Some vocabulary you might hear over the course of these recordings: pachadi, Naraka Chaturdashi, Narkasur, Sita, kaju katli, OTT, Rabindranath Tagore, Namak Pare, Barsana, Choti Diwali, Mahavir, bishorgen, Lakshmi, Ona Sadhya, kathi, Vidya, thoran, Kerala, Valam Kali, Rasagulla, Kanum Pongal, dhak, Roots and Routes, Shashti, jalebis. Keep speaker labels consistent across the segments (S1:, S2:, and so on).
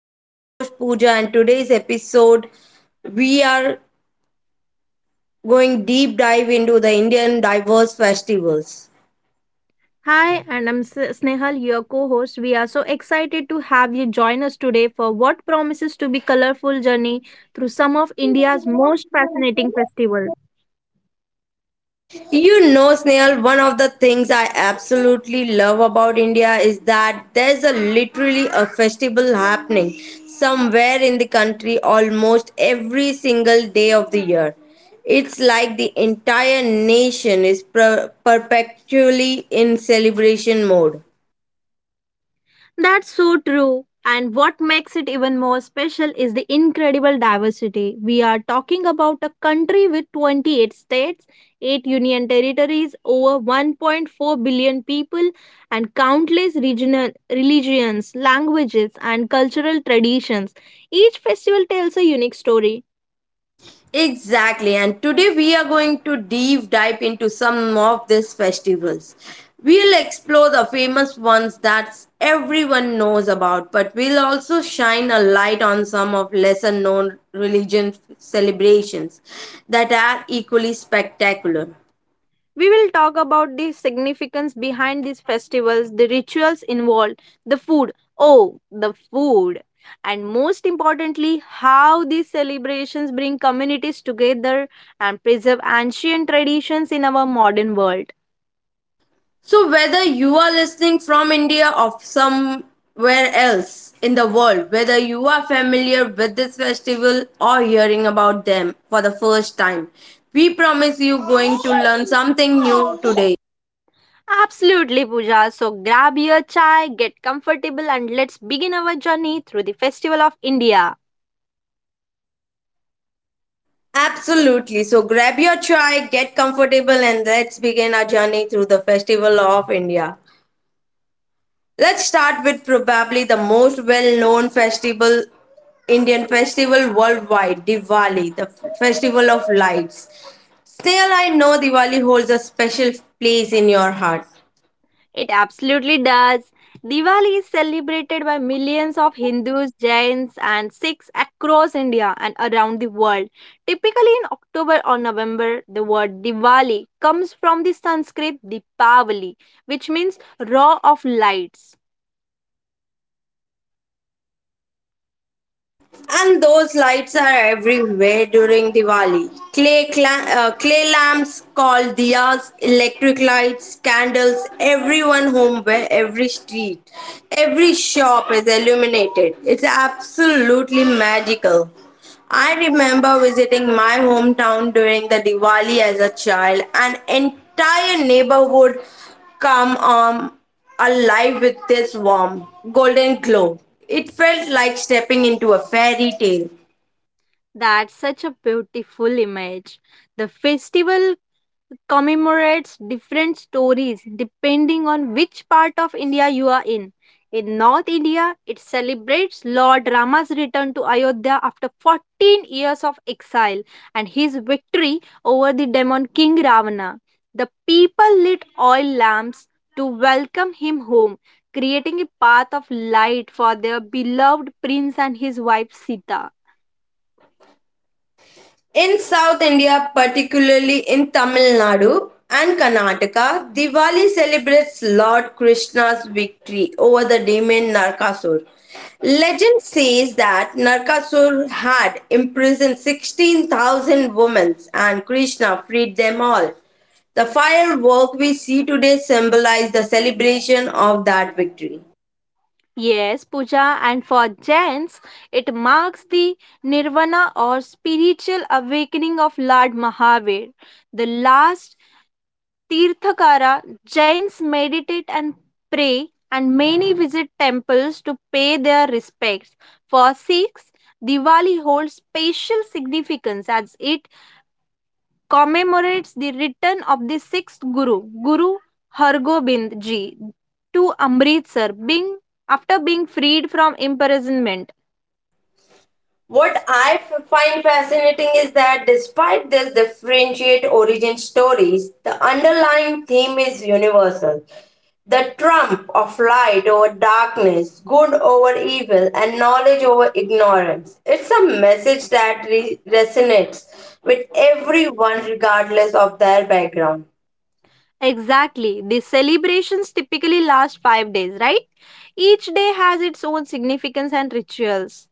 S1: I'm your host, Pooja, and today's episode we are going deep dive into the Indian diverse festivals.
S2: Hi, and Snehal, your co host. We are so excited to have you join us today for what promises to be colorful journey through some of India's most fascinating festivals.
S1: You know, Snail, one of the things I absolutely love about India is that there's a literally a festival happening somewhere in the country almost every single day of the year. It's like the entire nation is perpetually in celebration mode.
S2: That's so true. And what makes it even more special is the incredible diversity. We are talking about a country with 28 states, 8 union territories, over 1.4 billion people, and countless regional religions, languages, and cultural traditions. Each festival tells a unique story.
S1: Exactly, and today we are going to deep dive into some of these festivals. We'll explore the famous ones that everyone knows about, but we'll also shine a light on some of lesser known religion celebrations that are equally spectacular.
S2: We will talk about the significance behind these festivals, the rituals involved, the food. Oh, the food. And most importantly, how these celebrations bring communities together and preserve ancient traditions in our modern world.
S1: So, whether you are listening from India or somewhere else in the world, whether you are familiar with this festival or hearing about them for the first time, we promise you going to learn something new today.
S2: Absolutely, Pooja. So grab your chai, get comfortable, and let's begin our journey through the Festival of India.
S1: Absolutely. So, grab your chai, get comfortable, and let's begin our journey through the Festival of India. Let's start with probably the most well-known festival, Indian festival worldwide, Diwali, the festival of lights. Still, I know Diwali holds a special place in your heart.
S2: It absolutely does. Diwali is celebrated by millions of Hindus, Jains, and Sikhs across India and around the world. Typically, in October or November, the word Diwali comes from the Sanskrit Dipavali, which means row of lights.
S1: And those lights are everywhere during Diwali. Clay lamps called diyas, electric lights, candles. Everyone home, where every street, every shop is illuminated. It's absolutely magical. I remember visiting my hometown during the Diwali as a child. An entire neighborhood come alive with this warm, golden glow. It felt like stepping into a fairy tale.
S2: That's such a beautiful image. The festival commemorates different stories depending on which part of India you are in. In North India, it celebrates Lord Rama's return to Ayodhya after 14 years of exile and his victory over the demon king Ravana. The people lit oil lamps to welcome him home, creating a path of light for their beloved prince and his wife Sita.
S1: In South India, particularly in Tamil Nadu and Karnataka, Diwali celebrates Lord Krishna's victory over the demon Narkasur. Legend says that Narkasur had imprisoned 16,000 women and Krishna freed them all. The firework we see today symbolize the celebration of that victory.
S2: Yes, puja, and for Jains, it marks the nirvana or spiritual awakening of Lord Mahavir, the last Tirthakara. Jains meditate and pray, and many visit temples to pay their respects. For Sikhs, Diwali holds special significance as it commemorates the return of the sixth Guru, Guru Hargobind Ji, to Amritsar, being after being freed from imprisonment.
S1: What I find fascinating is that despite this differentiate origin stories, the underlying theme is universal. The trump of light over darkness, good over evil, and knowledge over ignorance. It's a message that resonates with everyone regardless of their background.
S2: Exactly. The celebrations typically last 5 days, right? Each day has its own significance and rituals.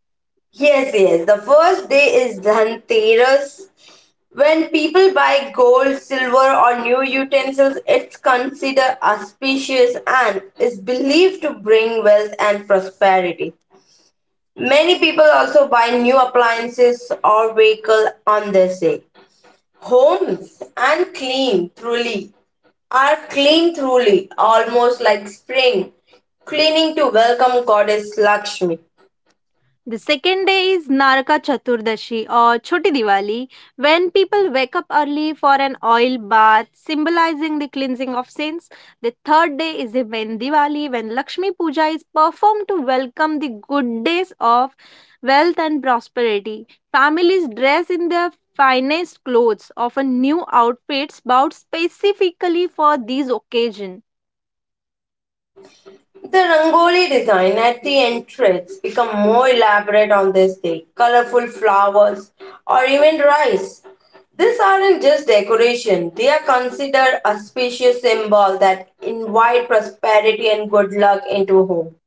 S1: Yes, yes. The first day is Dhanteras, when people buy gold, silver, or new utensils. It's considered auspicious and is believed to bring wealth and prosperity. Many people also buy new appliances or vehicle on this day. Homes and clean truly are clean truly, almost like spring, cleaning to welcome goddess Lakshmi.
S2: The second day is Naraka Chaturdashi or Choti Diwali, when people wake up early for an oil bath, symbolizing the cleansing of sins. The third day is the Ven Diwali, when Lakshmi Puja is performed to welcome the good days of wealth and prosperity. Families dress in their finest clothes, often new outfits bought specifically for these occasions.
S1: The rangoli design at the entrance become more elaborate on this day. Colorful flowers or even rice. These aren't just decoration, they are considered a spacious symbol that invite prosperity and good luck into home.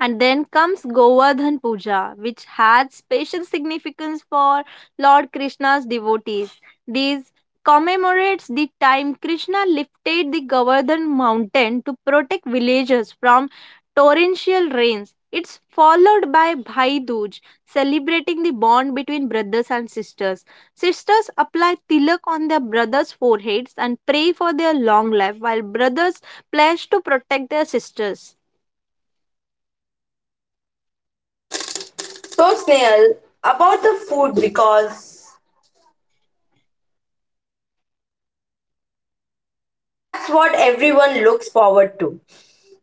S2: And then comes Govardhan Puja, which had special significance for Lord Krishna's devotees. This commemorates the time Krishna lifted the Govardhan mountain to protect villagers from torrential rains. It's followed by Bhai Dooj, celebrating the bond between brothers and sisters. Sisters apply tilak on their brothers' foreheads and pray for their long life, while brothers pledge to protect their sisters.
S1: So Snail, about the food because that's what everyone looks forward to.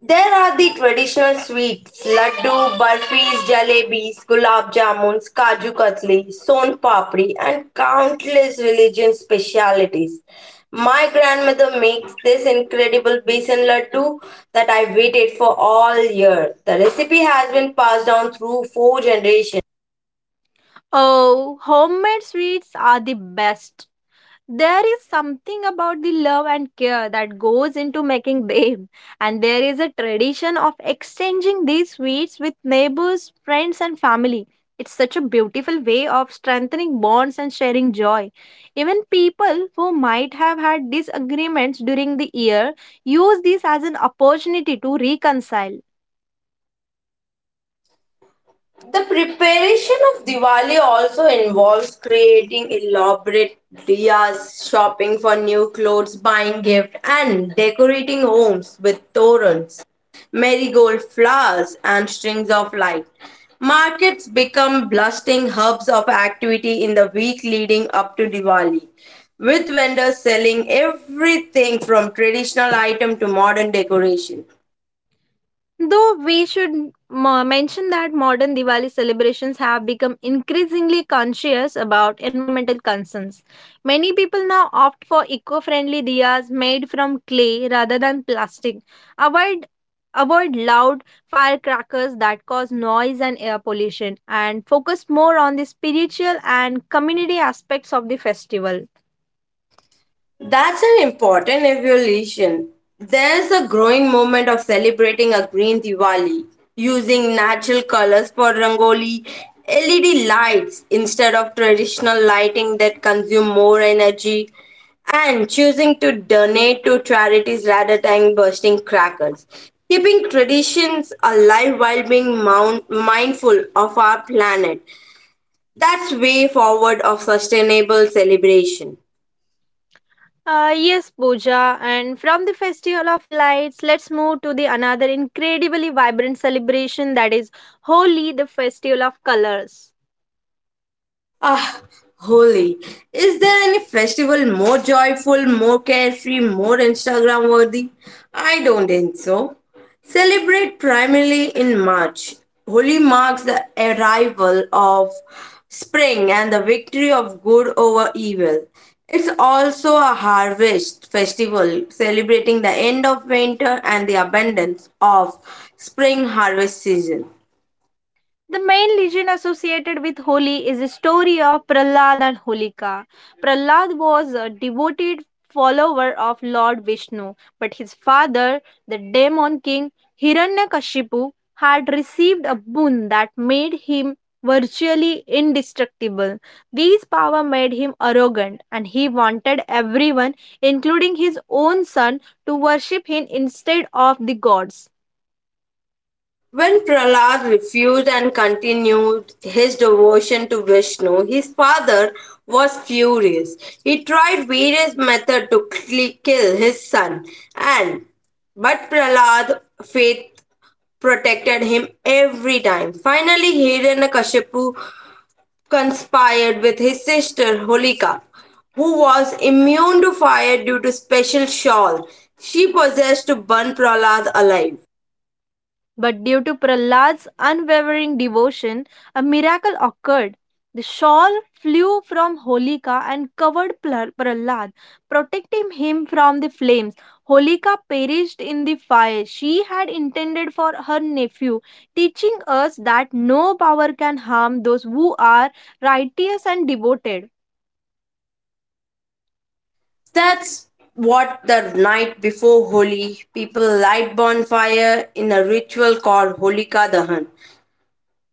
S1: There are the traditional sweets laddu, burfis, jalebis, gulab jamuns, kaju katli, son papri, and countless religion specialities. My grandmother makes this incredible besan laddu that I waited for all year. The recipe has been passed down through four generations.
S2: Oh, homemade sweets are the best. There is something about the love and care that goes into making them, and there is a tradition of exchanging these sweets with neighbors, friends, and family. It's such a beautiful way of strengthening bonds and sharing joy. Even people who might have had disagreements during the year use this as an opportunity to reconcile.
S1: The preparation of Diwali also involves creating elaborate diyas, shopping for new clothes, buying gifts, and decorating homes with torrents, marigold flowers, and strings of light. Markets become bustling hubs of activity in the week leading up to Diwali, with vendors selling everything from traditional item to modern decoration.
S2: Though we should mention that modern Diwali celebrations have become increasingly conscious about environmental concerns. Many people now opt for eco friendly diyas made from clay rather than plastic. Avoid Avoid loud firecrackers that cause noise and air pollution and focus more on the spiritual and community aspects of the festival.
S1: That's an important evolution. There's a growing movement of celebrating a green Diwali, using natural colors for Rangoli, LED lights instead of traditional lighting that consume more energy, and choosing to donate to charities rather than bursting crackers. Keeping traditions alive while being mindful of our planet. That's way forward of sustainable celebration.
S2: Yes, Pooja. And from the Festival of Lights, let's move to the another incredibly vibrant celebration that is Holi, the Festival of Colors.
S1: Ah, holy. Is there any festival more joyful, more carefree, more Instagram worthy? I don't think so. Celebrate primarily in March. Holi marks the arrival of spring and the victory of good over evil. It's also a harvest festival celebrating the end of winter and the abundance of spring harvest season.
S2: The main legend associated with Holi is the story of Prahlad and Holika. Prahlad was a devoted follower of Lord Vishnu, but his father, the demon king Hiranyakashipu, had received a boon that made him virtually indestructible. This power made him arrogant, and he wanted everyone, including his own son, to worship him instead of the gods.
S1: When Prahlad refused and continued his devotion to Vishnu, his father was furious. He tried various methods to kill his son, and but Prahlad faith protected him every time. Finally, Hiranyakashipu conspired with his sister Holika, who was immune to fire due to special shawl she possessed to burn Prahlad alive.
S2: But due to Prahlad's unwavering devotion, a miracle occurred. The shawl flew from Holika and covered Prahlad, protecting him from the flames. Holika perished in the fire she had intended for her nephew, teaching us that no power can harm those who are righteous and devoted.
S1: That's what the night before Holi, people light bonfire in a ritual called Holika Dahan,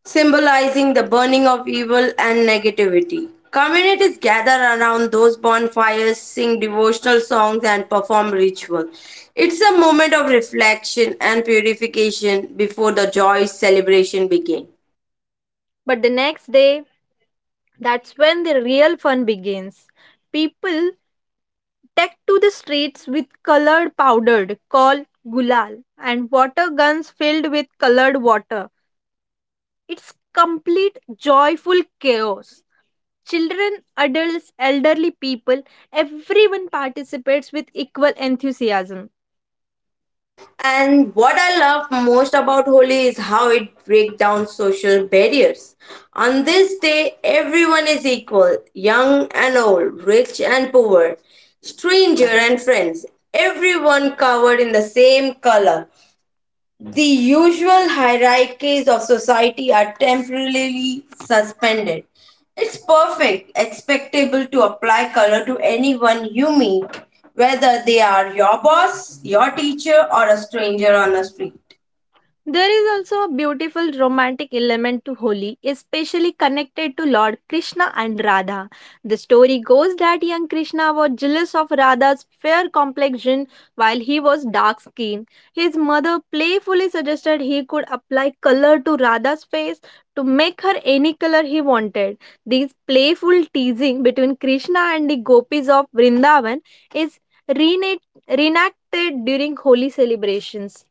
S1: symbolizing the burning of evil and negativity. Communities gather around those bonfires, sing devotional songs, and perform ritual. It's a moment of reflection and purification before the joyous celebration begins.
S2: But the next day, that's when the real fun begins. People take to the streets with colored powder called gulal and water guns filled with colored water. It's complete joyful chaos. Children, adults, elderly people, everyone participates with equal enthusiasm.
S1: And what I love most about Holi is how it breaks down social barriers. On this day, everyone is equal young and old, rich and poor, stranger and friends, everyone covered in the same color. The usual hierarchies of society are temporarily suspended. It's perfect, expectable to apply color to anyone you meet, whether they are your boss, your teacher, or a stranger on a street.
S2: There is also a beautiful romantic element to Holi, especially connected to Lord Krishna and Radha. The story goes that young Krishna was jealous of Radha's fair complexion while he was dark skinned. His mother playfully suggested he could apply color to Radha's face to make her any color he wanted. This playful teasing between Krishna and the gopis of Vrindavan is rena- reenacted during Holi celebrations.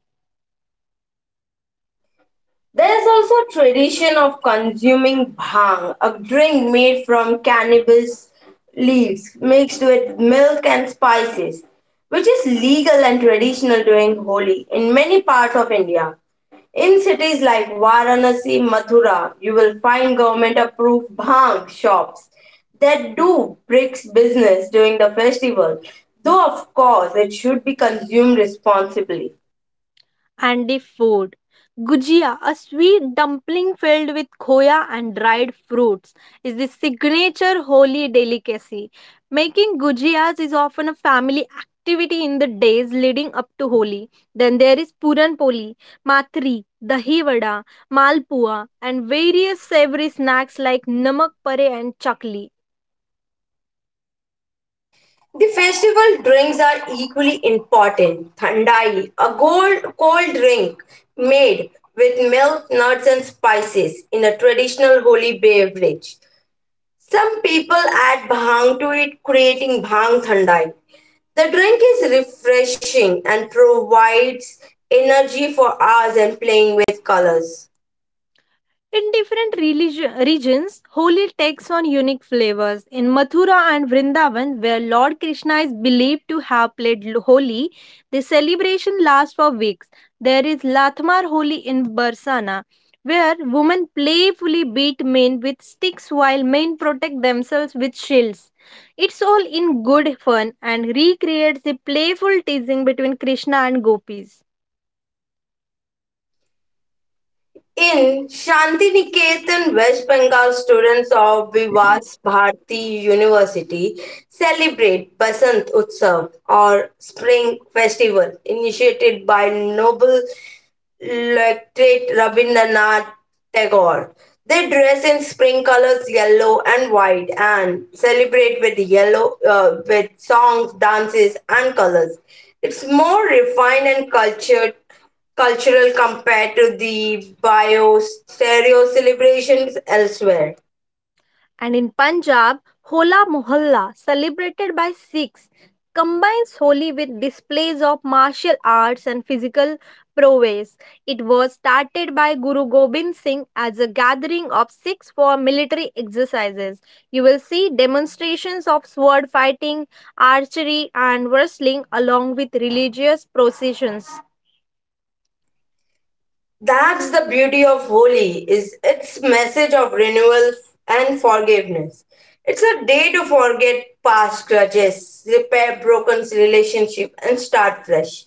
S1: There is also a tradition of consuming bhang, a drink made from cannabis leaves mixed with milk and spices, which is legal and traditional during Holi in many parts of India. In cities like Varanasi, Mathura, you will find government approved bhang shops that do bricks business during the festival, though, of course, it should be consumed responsibly.
S2: And the food. Gujia, a sweet dumpling filled with khoya and dried fruits, is the signature holy delicacy. Making gujias is often a family activity in the days leading up to Holi. Then there is Puran Poli, Matri, Dahi Vada, Malpua, and various savory snacks like Namak Pare and Chakli.
S1: The festival drinks are equally important. Thandai, a gold, cold drink made with milk, nuts, and spices in a traditional holy beverage. Some people add bhang to it, creating bhang thandai. The drink is refreshing and provides energy for hours and playing with colors.
S2: In different regions, holy takes on unique flavors. In Mathura and Vrindavan, where Lord Krishna is believed to have holi, the celebration lasts for weeks. There is Lathmar Holi in Barsana, where women playfully beat men with sticks while men protect themselves with shields. It's all in good fun and recreates the playful teasing between Krishna and gopis.
S1: In Shantiniketan, West Bengal, students of Vivas Bharati University celebrate Basant Utsav or Spring Festival initiated by Nobel late Rabindranath Tagore. They dress in spring colors, yellow and white, and celebrate with yellow with songs, dances, and colors. It's more refined and cultured cultural compared to the bio stereo celebrations elsewhere.
S2: And in Punjab, Hola Mohalla, celebrated by Sikhs, combines Holi with displays of martial arts and physical prowess. It was started by Guru Gobind Singh as a gathering of Sikhs for military exercises. You will see demonstrations of sword fighting, archery, and wrestling along with religious processions.
S1: That's the beauty of Holi is its message of renewal and forgiveness. It's a day to forget past grudges, repair broken relationship and start fresh.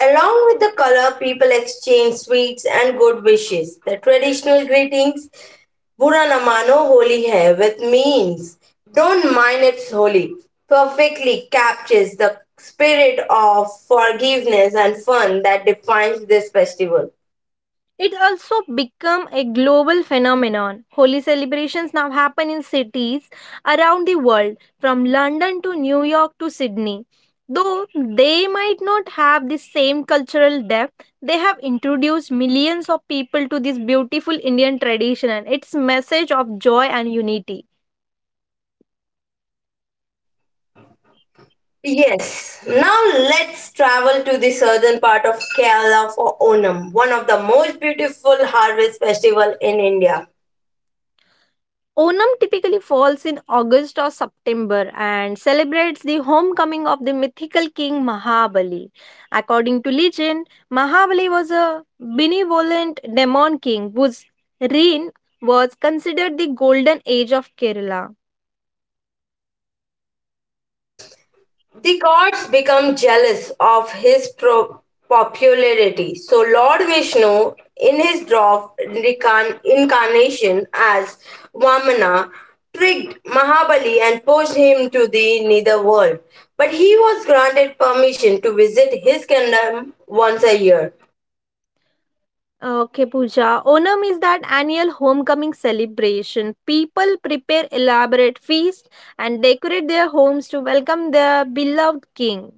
S1: Along with the color, people exchange sweets and good wishes. The traditional greetings, Bura na mano Holi hai, with means, don't mind it's holy, perfectly captures the spirit of forgiveness and fun that defines this festival.
S2: It also become a global phenomenon. Holy celebrations now happen in cities around the world, from London to New York to Sydney. Though they might not have the same cultural depth, they have introduced millions of people to this beautiful Indian tradition and its message of joy and unity.
S1: Yes, now let's travel to the southern part of Kerala for Onam, one of the most beautiful harvest festival in India.
S2: Onam typically falls in August or September and celebrates the homecoming of the mythical king Mahabali. According to legend, Mahabali was a benevolent demon king whose reign was considered the golden age of Kerala.
S1: The gods become jealous of his popularity, so Lord Vishnu, in his incarnation as Vamana, tricked Mahabali and pushed him to the netherworld. But he was granted permission to visit his kingdom once a year.
S2: Okay, Pooja. Onam is that annual homecoming celebration. People prepare elaborate feasts and decorate their homes to welcome their beloved king.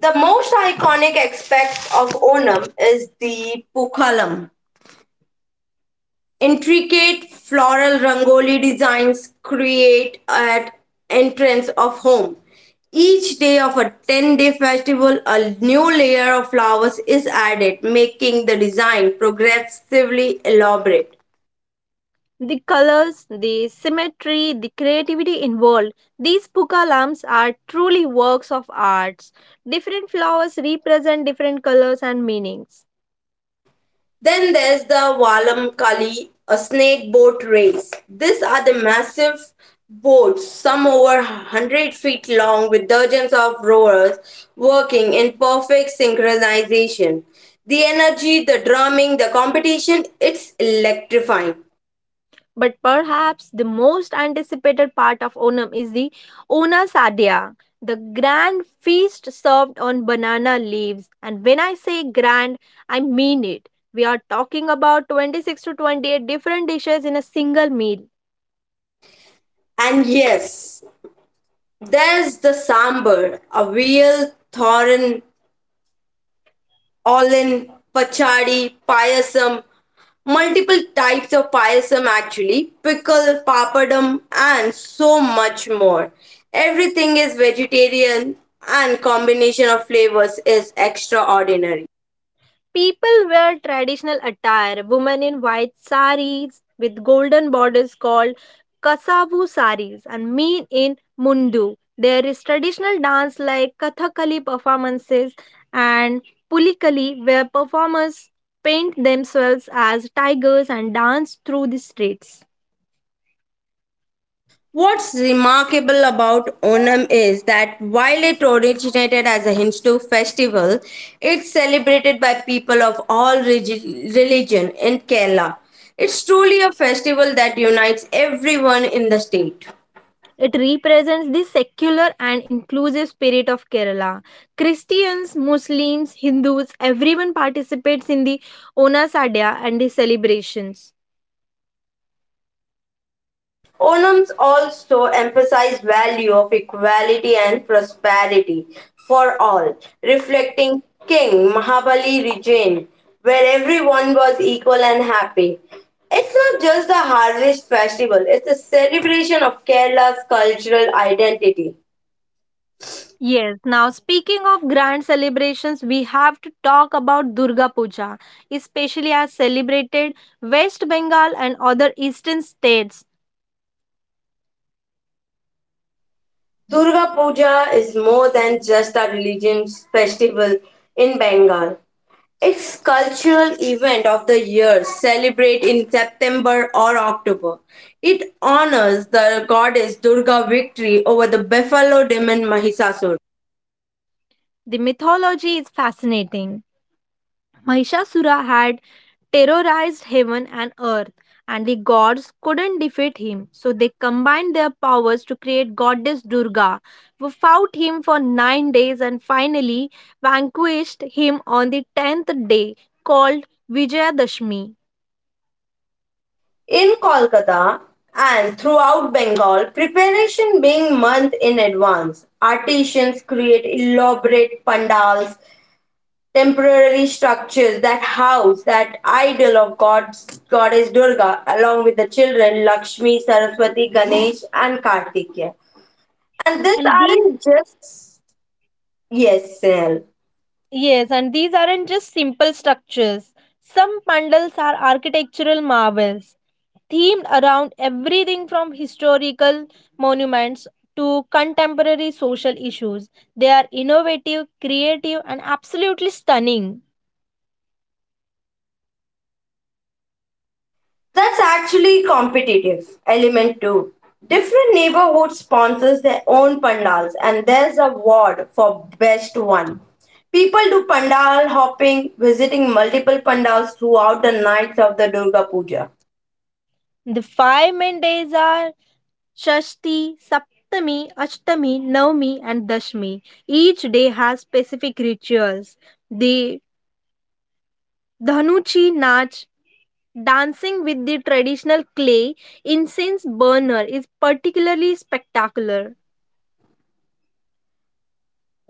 S1: The most iconic aspect of Onam is the pookalam. Intricate floral rangoli designs create at entrance of home. Each day of a 10-day festival, a new layer of flowers is added, making the design progressively elaborate.
S2: The colors, the symmetry, the creativity involved. These puka lamps are truly works of arts. Different flowers represent different colors and meanings.
S1: Then there's the Valam Kali, a snake boat race. These are the massive boats, some over 100 feet long, with dozens of rowers working in perfect synchronization. The energy, the drumming, the competition, it's electrifying.
S2: But perhaps the most anticipated part of Onam is the Ona Sadhya, the grand feast served on banana leaves. And when I say grand, I mean it. We are talking about 26 to 28 different dishes in a single meal.
S1: And yes, there's the sambar, a real thoran, all in pachadi, payasam, multiple types of payasam actually pickle papadam and so much more, everything is vegetarian and combination of flavors is extraordinary.
S2: People wear traditional attire, women in white saris with golden borders called kasavu saris and men in mundu. There is traditional dance like kathakali performances and pulikali where performers paint themselves as tigers and dance through the streets.
S1: What's remarkable about Onam is that while it originated as a Hindu festival, it's celebrated by people of all religion in Kerala. It's truly a festival that unites everyone in the state.
S2: It represents the secular and inclusive spirit of Kerala. Christians, Muslims, Hindus, everyone participates in the Onasadya and the celebrations.
S1: Onums also emphasize value of equality and prosperity for all, reflecting King Mahabali regime, where everyone was equal and happy. It's not just a harvest festival, it's a celebration of Kerala's cultural identity.
S2: Yes, now speaking of grand celebrations, we have to talk about Durga Puja, especially as celebrated West Bengal and other eastern states.
S1: Durga Puja is more than just a religious festival in Bengal. Its cultural event of the year celebrate in September or October. It honors the goddess Durga victory over the buffalo demon Mahisasur.
S2: The mythology is fascinating. Mahishasura had terrorized heaven and earth, and the gods couldn't defeat him. So they combined their powers to create goddess Durga, who fought him for 9 days and finally vanquished him on the 10th day, called Vijayadashmi.
S1: In Kolkata and throughout Bengal, preparation being month in advance, artisans create elaborate pandals, temporary structures that house that idol of gods, goddess Durga, along with the children Lakshmi, Saraswati, Ganesh, and Kartikeya. And this
S2: And these
S1: aren't just yes sale.
S2: Yes, and these aren't just simple structures. Some pandals are architectural marvels, themed around everything from historical monuments to contemporary social issues. They are innovative, creative, and absolutely stunning.
S1: That's actually competitive element too. Different neighborhoods sponsors their own pandals and there's a award for best one. People do pandal hopping, visiting multiple pandals throughout the nights of the Durga Puja.
S2: The five main days are Shashti, Saptami, Ashtami, Navami, and Dashmi. Each day has specific rituals. The Dhanuchi Nach dancing with the traditional clay incense burner, is particularly spectacular.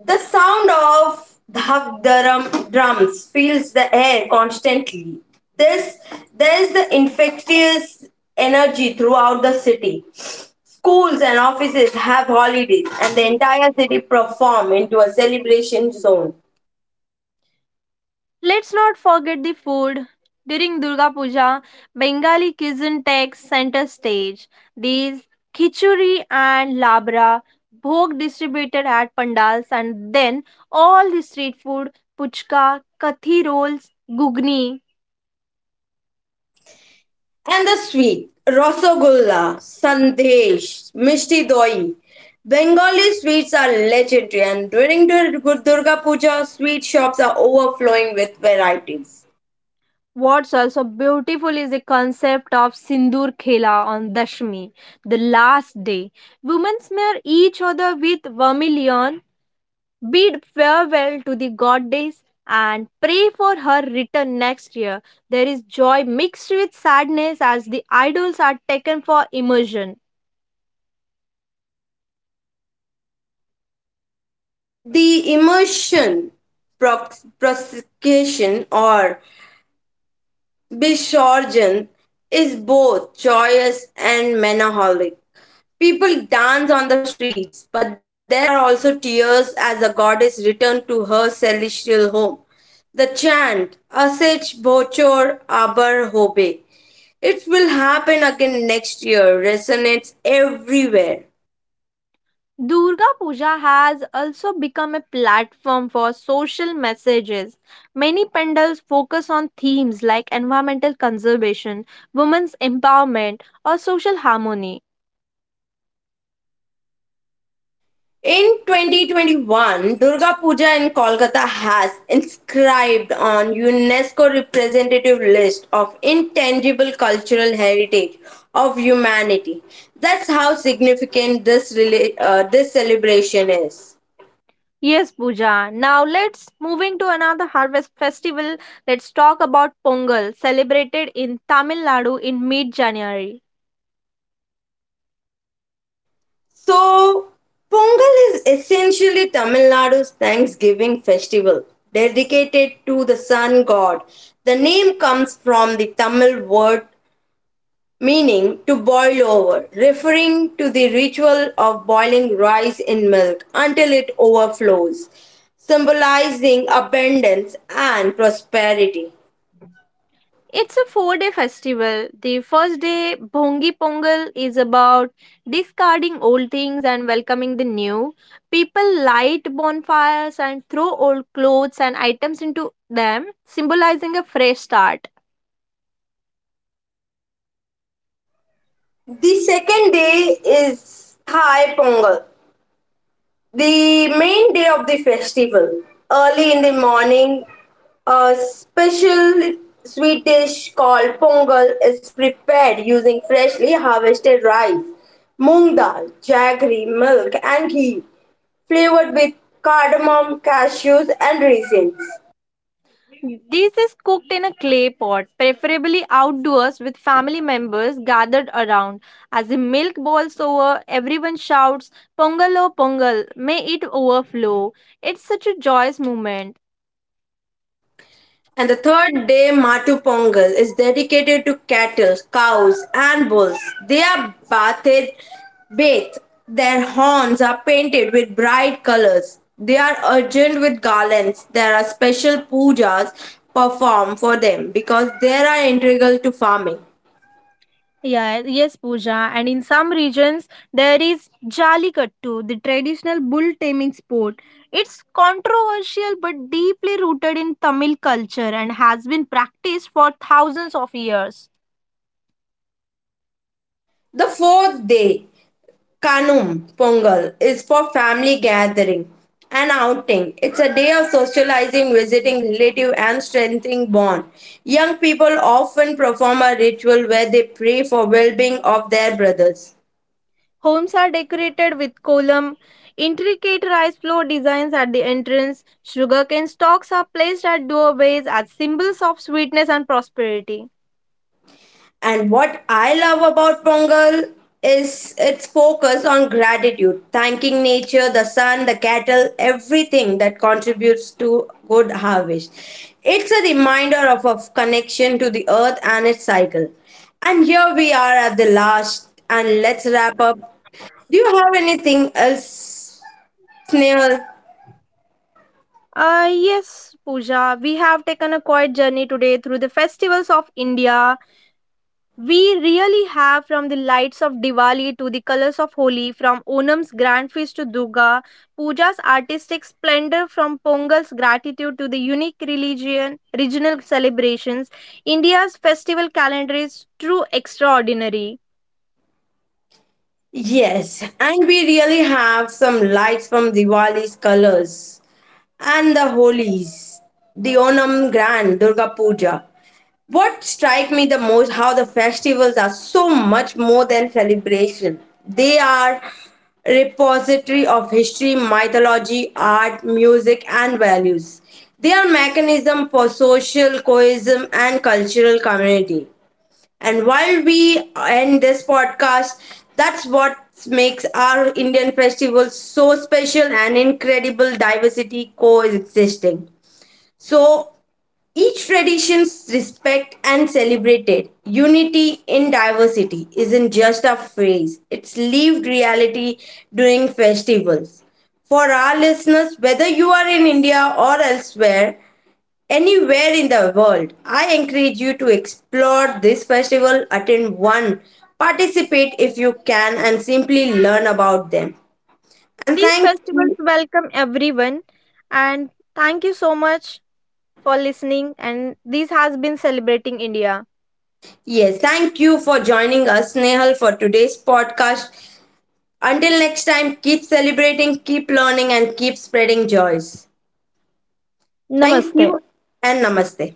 S1: The sound of drums fills the air constantly. This there is the infectious energy throughout the city. Schools and offices have holidays, and the entire city perform into a celebration zone.
S2: Let's not forget the food. During Durga Puja, Bengali cuisine takes center stage. These khichuri and labra, bhog distributed at pandals, and then all the street food, puchka, kathi rolls, gugni.
S1: And the sweet Rasagulla, Sandesh, Mishti Doi. Bengali sweets are legendary, and during Durga Puja, sweet shops are overflowing with varieties.
S2: What's also beautiful is the concept of Sindur Khela on Dashmi, the last day. Women smear each other with vermilion, bid farewell to the goddess, and pray for her return next year. There is joy mixed with sadness as the idols are taken for immersion.
S1: The immersion prosecution or bishorgen is both joyous and melancholic. People dance on the streets, but there are also tears as the goddess returns to her celestial home. The chant, Asech Bochor Abar Hobe, it will happen again next year, resonates everywhere.
S2: Durga Puja has also become a platform for social messages. Many pandals focus on themes like environmental conservation, women's empowerment, or social harmony.
S1: In 2021, Durga Puja in Kolkata has inscribed on UNESCO representative list of intangible cultural heritage of humanity. That's how significant this celebration is.
S2: Yes, Puja. Now let's moving to another harvest festival. Let's talk about Pongal, celebrated in Tamil Nadu in mid-January.
S1: So, Pongal is essentially Tamil Nadu's Thanksgiving festival dedicated to the sun god. The name comes from the Tamil word meaning to boil over, referring to the ritual of boiling rice in milk until it overflows, symbolizing abundance and prosperity.
S2: It's a 4-day festival. The first day, Bhongi Pongal, is about discarding old things and welcoming the new. People light bonfires and throw old clothes and items into them, symbolizing a fresh start.
S1: The second day is Thai Pongal, the main day of the festival. Early in the morning, a special sweet dish called pongal is prepared using freshly harvested rice, moong dal, jaggery, milk, and ghee, flavored with cardamom, cashews, and raisins.
S2: This is cooked in a clay pot, preferably outdoors with family members gathered around. As the milk boils over, everyone shouts, Pongal o Pongal, may it overflow. It's such a joyous moment.
S1: And the third day, Matu Pongal, is dedicated to cattle, cows, and bulls. They are bathed. Their horns are painted with bright colors. They are adorned with garlands. There are special pujas performed for them because they are integral to farming.
S2: Yeah, yes, Pooja. And in some regions, there is Jallikattu, the traditional bull taming sport. It's controversial but deeply rooted in Tamil culture and has been practiced for thousands of years.
S1: The fourth day, Kanum Pongal is for family gathering and outing. It's a day of socializing, visiting relative and strengthening bond. Young people often perform a ritual where they pray for well-being of their brothers.
S2: Homes are decorated with kolam, intricate rice floor designs at the entrance, sugarcane stalks are placed at doorways as symbols of sweetness and prosperity.
S1: And what I love about Pongal is its focus on gratitude, thanking nature, the sun, the cattle, everything that contributes to good harvest. It's a reminder of a connection to the earth and its cycle. And here we are at the last, and let's wrap up. Do you have anything else, Snail?
S2: Yes, Pooja, we have taken a quiet journey today through the festivals of India. We really have, from the lights of Diwali to the colors of Holi, from Onam's grand feast to Durga, Puja's artistic splendor, from Pongal's gratitude to the unique religion, regional celebrations. India's festival calendar is true extraordinary.
S1: Yes, and we really have some lights from Diwali's colors, and the holies, the Onam Grand Durga Puja. What strike me the most how the festivals are so much more than celebration. They are repository of history, mythology, art, music and values. They are mechanism for social cohesion and cultural community. And while we end this podcast, that's what makes our Indian festivals so special and incredible diversity coexisting. So each tradition's respect and celebrated. Unity in diversity isn't just a phrase, it's lived reality during festivals. For our listeners, whether you are in India or elsewhere, anywhere in the world, I encourage you to explore this festival, attend one, participate if you can, and simply learn about them. And
S2: These
S1: thank
S2: festivals
S1: you.
S2: welcome everyone, and thank you so much for listening. And this has been celebrating India.
S1: Yes, thank you for joining us, Snehal, for today's podcast. Until next time, keep celebrating, keep learning, and keep spreading joys. Thank
S2: Namaste.
S1: you and namaste.